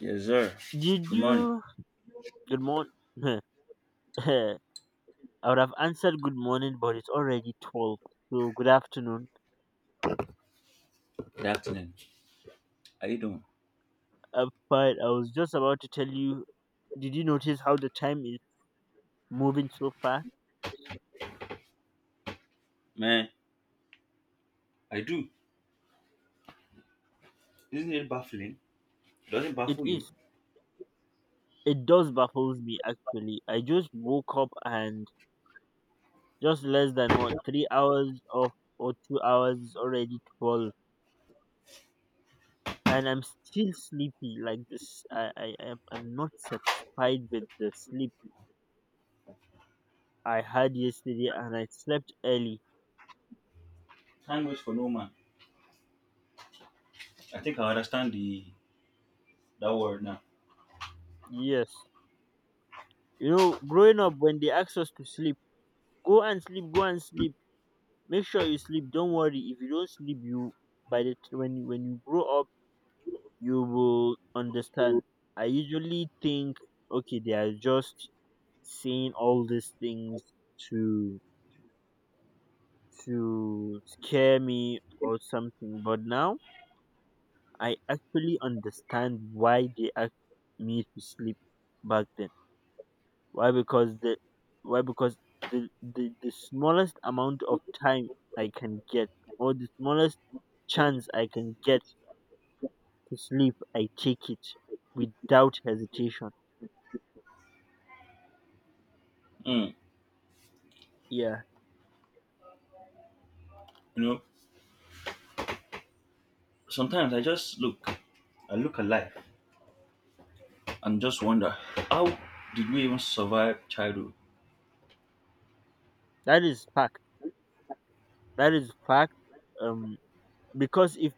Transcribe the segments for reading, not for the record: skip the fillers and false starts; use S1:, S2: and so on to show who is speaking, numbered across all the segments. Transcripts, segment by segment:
S1: Yes, sir.
S2: Did
S1: Good morning.
S2: you Good morning? I would have answered good morning, but it's already 12. So good afternoon.
S1: Good afternoon. How you doing?
S2: I'm fine. I was just about to tell you. Did you notice how the time is moving so fast?
S1: Man, I do. Isn't it baffling? Doesn't
S2: It
S1: baffle you?
S2: is. It does baffles me actually. I just woke up and just less than what 3 hours of or 2 hours is already 12, and I'm still sleepy like this. I'm not satisfied with the sleep I had yesterday, and I slept early.
S1: Time waits for no man. I think I understand the that word now.
S2: Yes. You know, growing up, when they ask us to sleep, go and sleep, go and sleep. Make sure you sleep. Don't worry. If you don't sleep, you when you grow up, you will understand. I usually think, okay, they are just saying all these things to to scare me or something. But now I actually understand why they asked me to sleep back then. Why? Because the Why? Because the smallest amount of time I can get, or the smallest chance I can get to sleep, I take it without hesitation.
S1: Mm.
S2: Yeah,
S1: You know, sometimes I look at life and just wonder, how did we even survive childhood?
S2: that is fact. That is fact. Um, because if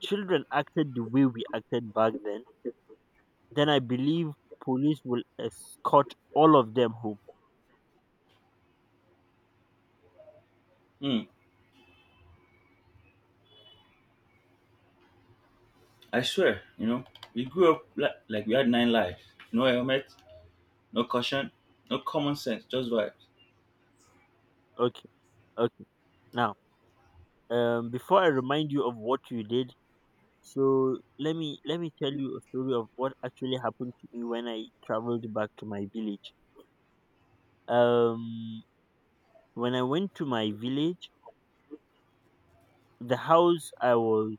S2: children acted the way we acted back then I believe police will escort all of them home.
S1: Mm. I swear, we grew up like we had nine lives. No helmet, no caution, no common sense, just vibes.
S2: Okay, okay. Now, before I remind you of what you did, so let me tell you a story of what actually happened to me when I traveled back to my village. Um, when I went to my village, the house I was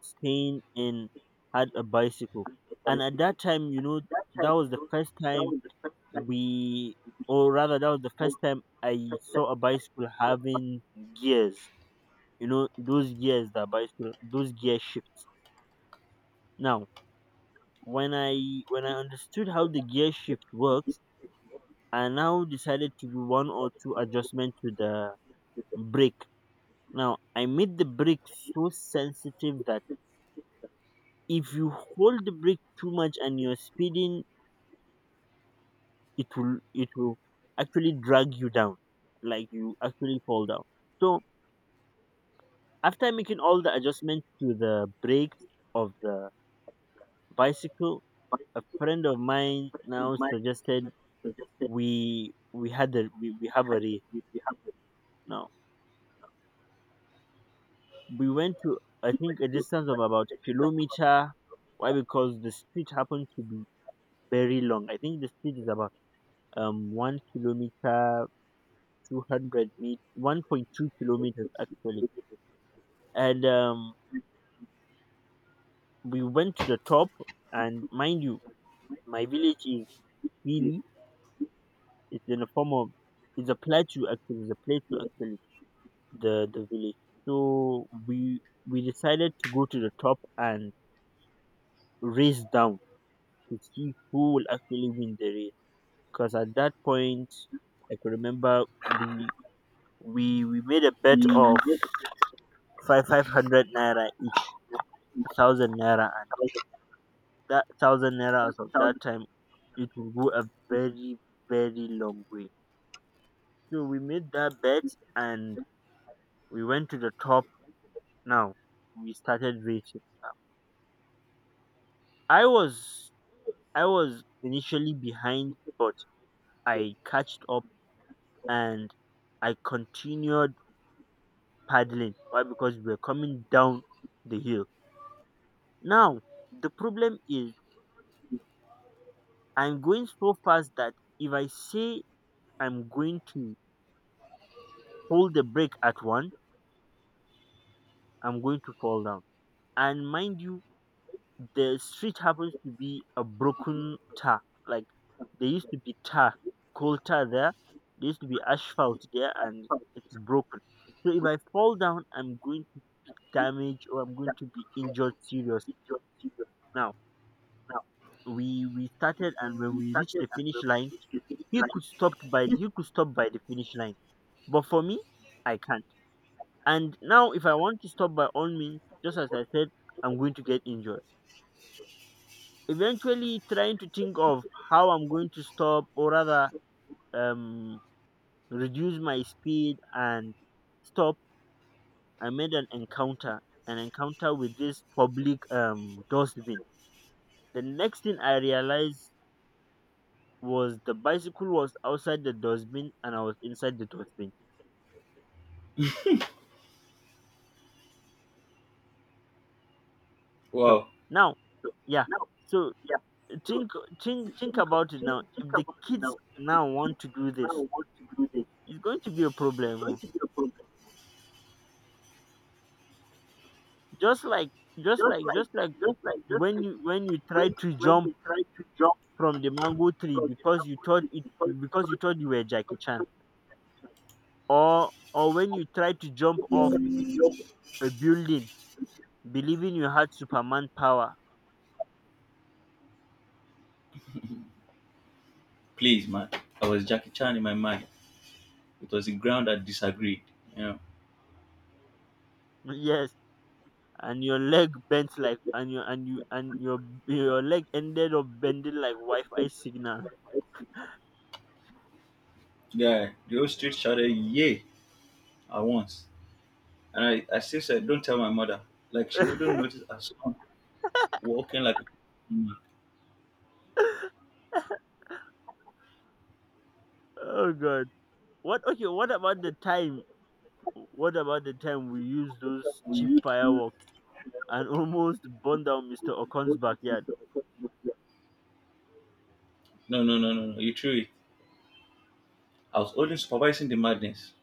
S2: staying in had a bicycle, and at that time, you know, that was the first time we, or rather, that was the first time I saw a bicycle having gears. You know, those gears that bicycle, those gear shifts. Now, when I understood how the gear shift works. I now decided to do one or two adjustment to the brake. Now I made the brake so sensitive that if you hold the brake too much and you're speeding, it will actually drag you down, like you actually fall down. So after making all the adjustments to the brakes of the bicycle, a friend of mine now suggested we have a race now. We went to, I think, a distance of about kilometer. Why? Because the street happened to be very long. I think the street is about 1 kilometer, 200 meet, 1.2 kilometers actually. And we went to the top, and mind you, my village is really it's in the form of it's a plateau actually. It's a plateau actually. The village. So we decided to go to the top and race down to see who will actually win the race. Because at that point I could remember we we made a bet of five hundred naira each, 1,000 naira, and that 1,000 naira, as of that time, it will go a very very long way. So we made that bet and we went to the top. Now we started racing. I was I was initially behind, but I catched up and I continued paddling. Why? Because we were coming down the hill. Now, the problem is I'm going so fast that if I say I'm going to hold the brake at one, I'm going to fall down. And mind you, the street happens to be a broken tar. Like there used to be tar, coal tar there. There used to be asphalt there, and it's broken. So if I fall down, I'm going to be damaged, or I'm going to be injured serious. Now we started, and when we reached the finish line, he could stop by the finish line, but for me, I can't. And now if I want to stop by all means, just as I said, I'm going to get injured. Eventually, trying to think of how I'm going to stop, or rather, um reduce my speed and stop, I made an encounter with this public dustbin. The next thing I realized was the bicycle was outside the dustbin, and I was inside the dustbin. So
S1: Wow,
S2: now, yeah, so think think about it now. If the kids now want to do this, it's going to be a problem, oh. just like just like when you try to jump from the mango tree because you thought you were Jackie Chan, or when you try to jump off a building believing you had Superman power.
S1: please, man. I was Jackie Chan in my mind. It was the ground that disagreed. You know,
S2: Yes, and your leg bent like and your leg ended up bending like Wi-Fi signal.
S1: yeah, the whole street shouted "Yay!" at once, and I still said, "Don't tell my mother." Like she wouldn't notice her son walking like. No,
S2: Oh God. What Okay, what about the time, we used those cheap fireworks and almost burned down Mr. Okon's backyard?
S1: no, no, no, no. You threw it. I was only supervising the madness.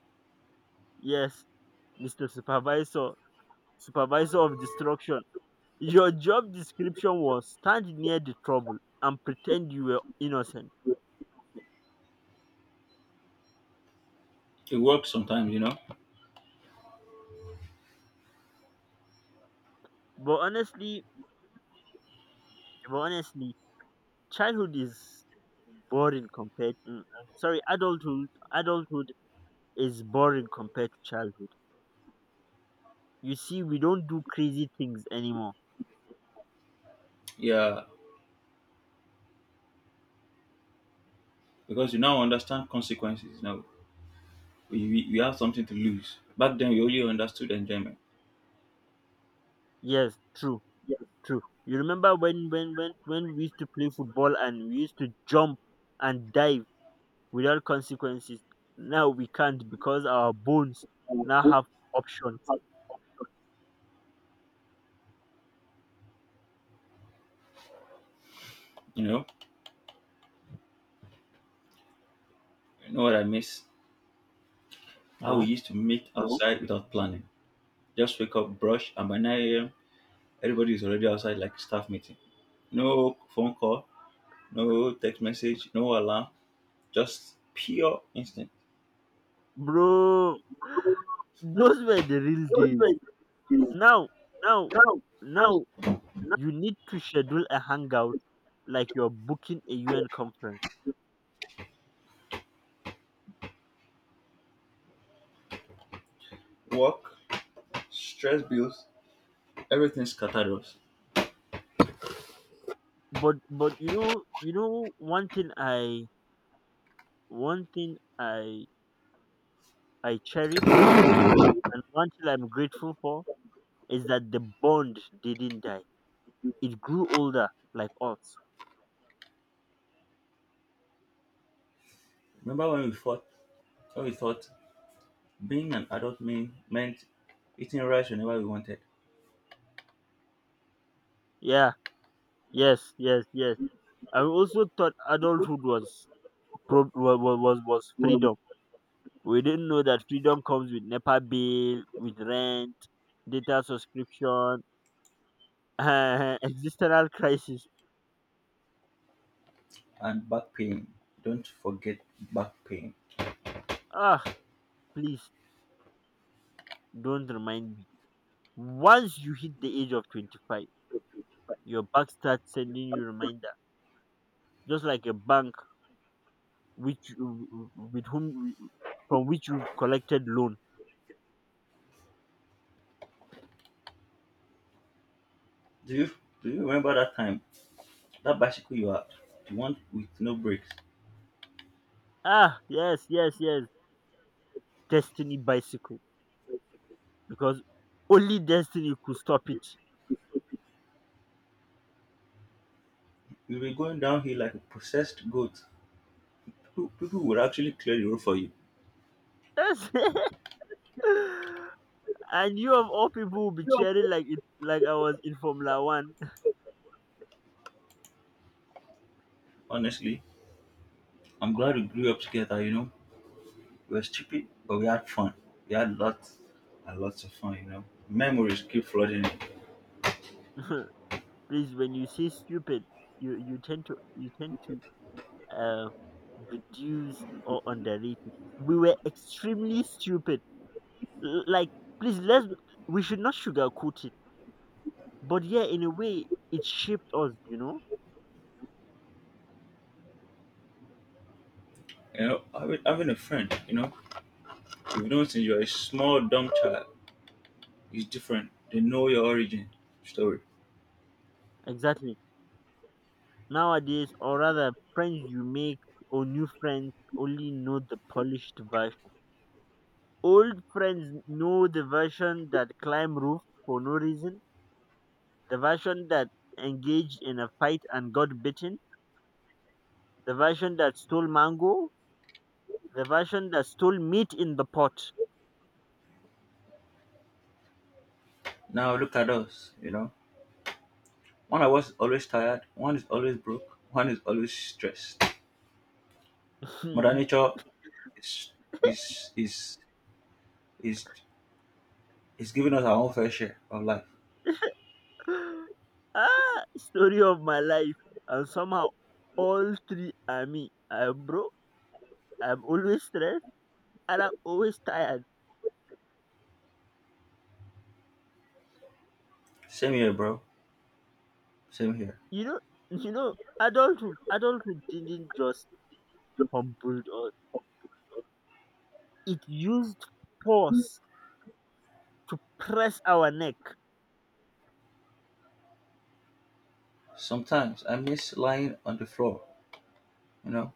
S2: Yes, Mr. Supervisor, Supervisor of Destruction. Your job description was stand near the trouble and pretend you were innocent.
S1: It works sometimes, you know.
S2: But honestly, but honestly, childhood is boring compared, I'm sorry, adulthood is boring compared to childhood. You see, we don't do crazy things anymore.
S1: Yeah, because you now understand consequences. Now we have something to lose. Back then, we only understood enjoyment.
S2: Yes, true. Too. You remember when we used to play football and we used to jump and dive without consequences. Now we can't because our bones now have options.
S1: You know, you know what I miss? How we
S2: No,
S1: used to meet outside without planning. Just wake up, brush, and by 9 a.m., everybody is already outside like staff meeting. No phone call, no text message, no alarm, just pure instinct.
S2: bro, those were the real days. Now, now, now, you need to schedule a hangout like you're booking a UN conference.
S1: Work, stress bills, everything scattered us.
S2: But one thing one thing I I cherish, and one thing I'm grateful for, is that the bond didn't die. It grew older like us.
S1: Remember when we thought being an adult meant eating rice whenever we wanted
S2: Yeah, yes, yes, yes. I also thought adulthood was was freedom. We didn't know that freedom comes with NEPA bill, with rent, data subscription, existential crisis.
S1: and back pain. Don't forget back pain.
S2: Ah, please don't remind me. Once you hit the age of 25, your bank starts sending you reminder, just like a bank which you- with whom you- from which you've collected loan.
S1: Do you do you remember that time? That bicycle you had, the one with no brakes.
S2: Ah, yes, yes, yes. Destiny bicycle, because only destiny could stop it.
S1: You were going downhill like a possessed goat. People would actually clear the road for you.
S2: Yes. And you of all people will be cheering like I was in Formula One.
S1: Honestly, I'm glad we grew up together. We were stupid, but we had fun. We had lots and lots of fun. Memories keep flooding in.
S2: Please, when you say stupid, you tend to uh reduce or underrate it. We were extremely stupid. Like, please, let's we should not sugarcoat it. But yeah, in a way, it shaped us, you know?
S1: Having a friend, if you don't since you're a small dumb child, it's different. They know your origin story.
S2: Exactly. Nowadays, or rather, friends you make, or new friends, only know the polished version. Old friends know the version that climb roof for no reason, the version that engaged in a fight and got bitten, the version that stole mango, the version that stole meat in the pot.
S1: Now look at us. One of us is always tired, one is always broke, one is always stressed. Mother Nature is is is is is giving us our own fair share of life.
S2: Ah, story of my life. And somehow, all three are me. Bro, I'm always stressed and I'm always tired.
S1: Same here, bro. Same here.
S2: You know, you know, adulthood didn't just humbled us. It used force to press our neck.
S1: Sometimes I miss lying on the floor, you know,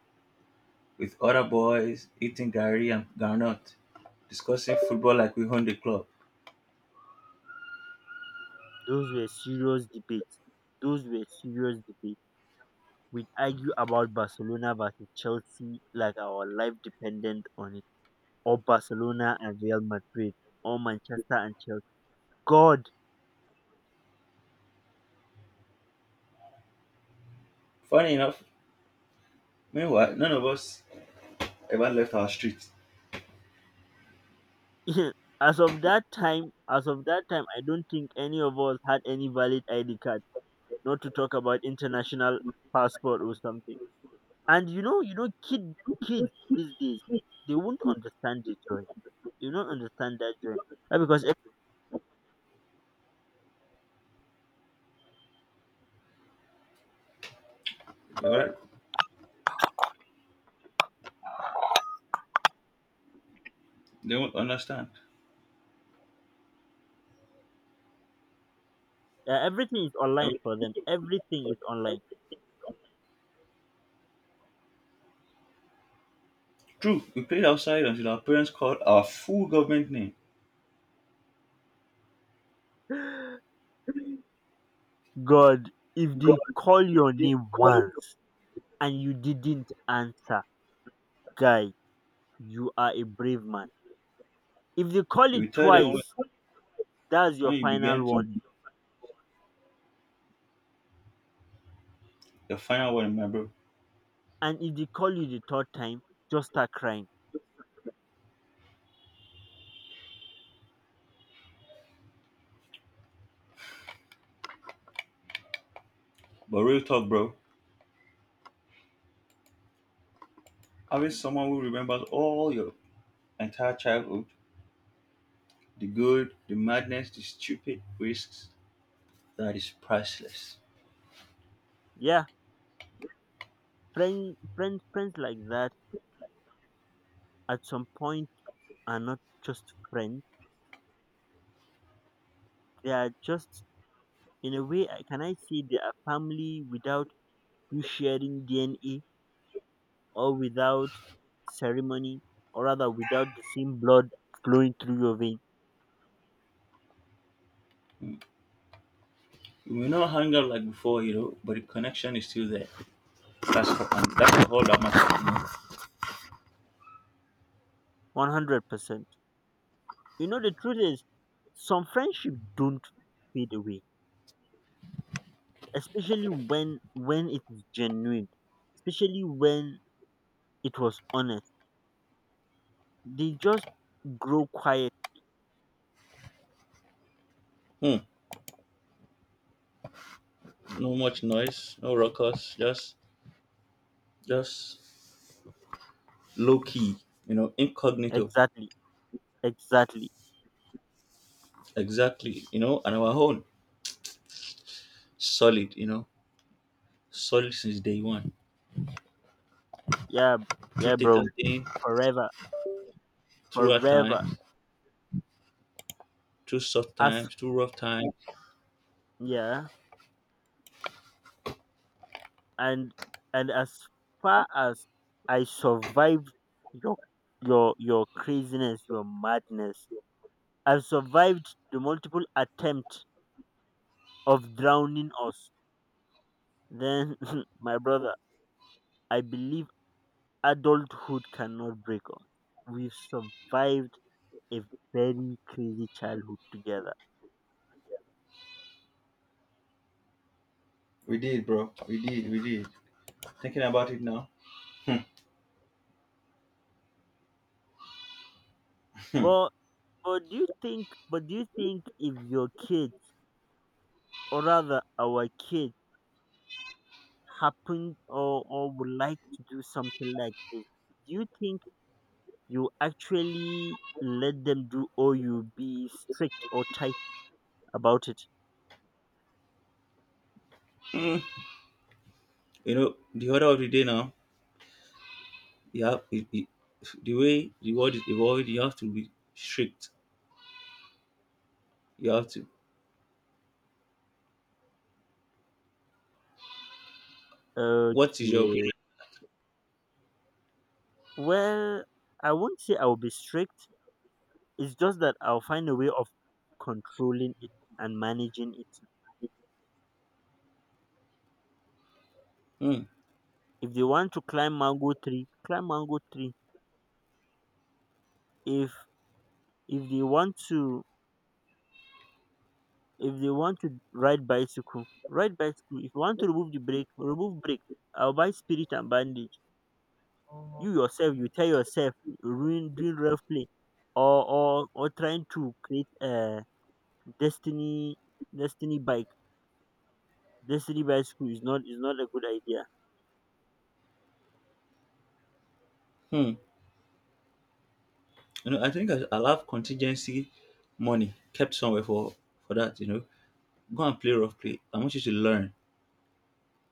S1: with other boys, eating gari and garnot, discussing football like we own the club.
S2: Those were serious debates. Those were serious debates. We'd argue about Barcelona versus Chelsea like our life depended on it. Or Barcelona and Real Madrid. Or Manchester and Chelsea. God.
S1: Funny enough, meanwhile, none of us ever left our street.
S2: As of that time, I don't think any of us had any valid ID card, not to talk about international passport or something. And you know, kids these days, they won't understand the joy. You don't understand that joy. Uh, because ev-
S1: Alright? They won't understand.
S2: Everything is
S1: I
S2: online
S1: mean,
S2: for them. Everything is online.
S1: true, we played outside until our parents called our full government name.
S2: God, if they call your name once and you didn't answer, guy, you are a brave man. If they call
S1: You
S2: it
S1: will tell them
S2: twice,
S1: when,
S2: that's your
S1: when you
S2: final
S1: began to
S2: warning.
S1: the final one, my bro.
S2: And if they call you the third time, just start crying.
S1: But real talk, bro, having someone who remembers all your entire childhood, the good, the madness, the stupid risks, that is priceless.
S2: Yeah, friends like that, at some point, are not just friends. They are just, in a way, can I say they are family without you sharing DNA, or without ceremony, or rather without the same blood flowing through your vein?
S1: We may not hang out like before, but the connection is still there. That's what, and that's all that matters.
S2: 100%. You know, the truth is, some friendship don't fade away, especially when it is genuine, especially when it was honest. They just grow quiet.
S1: You know? Hmm. No much noise, no ruckus, just low key, incognito.
S2: Exactly, exactly.
S1: Exactly, and our own solid, solid since day one.
S2: Yeah,
S1: Through
S2: yeah,
S1: thick
S2: bro.
S1: and thin,
S2: Forever,
S1: through hard
S2: forever.
S1: times, through soft
S2: As
S1: times, through rough times.
S2: Yeah, and and as far as I survived your your craziness, your madness, I've survived the multiple attempt of drowning us, then, my brother, I believe adulthood cannot break us. We've survived a very crazy childhood together.
S1: We did, bro. We did, we did. Thinking about it now. Hmm. Hmm.
S2: But but do you think if your kids, or rather our kids, happened, or would like to do something like this, do you think you actually let them do, or you be strict or tight about it?
S1: Hmm. The order of the day now you have it, the way the world is evolving, you have to be strict. You have to. What is your
S2: Okay. Well, I won't say I'll be strict. It's just that I'll find a way of controlling it and managing it.
S1: opinion?
S2: If they want to climb mango tree, climb mango tree. If if they want to ride bicycle, ride bicycle. If you want to remove the brake, remove brake. I'll buy spirit and bandage. You tell yourself, ruin doing rough play, or trying to create a destiny destiny bike destiny bicycle is not a good idea.
S1: Hmm. Hmm. I think I'll have contingency money kept somewhere for that. Go and play rough play. I want you to learn.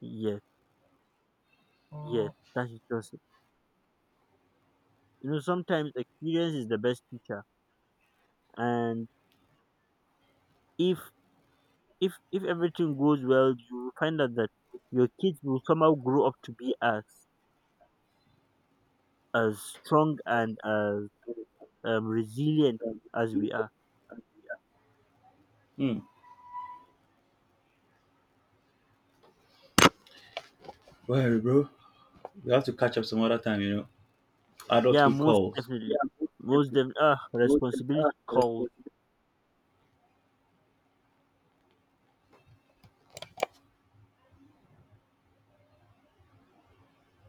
S2: Yes, yes, that is just it. You know, sometimes experience is the best teacher, and if if everything goes well, you will find out that your kids will somehow grow up to be us. As strong and as resilient as we are.
S1: Hmm. Well, bro, we have to catch up some other time. You know,
S2: Yeah,
S1: adulthood
S2: most
S1: calls.
S2: definitely. Responsibility calls.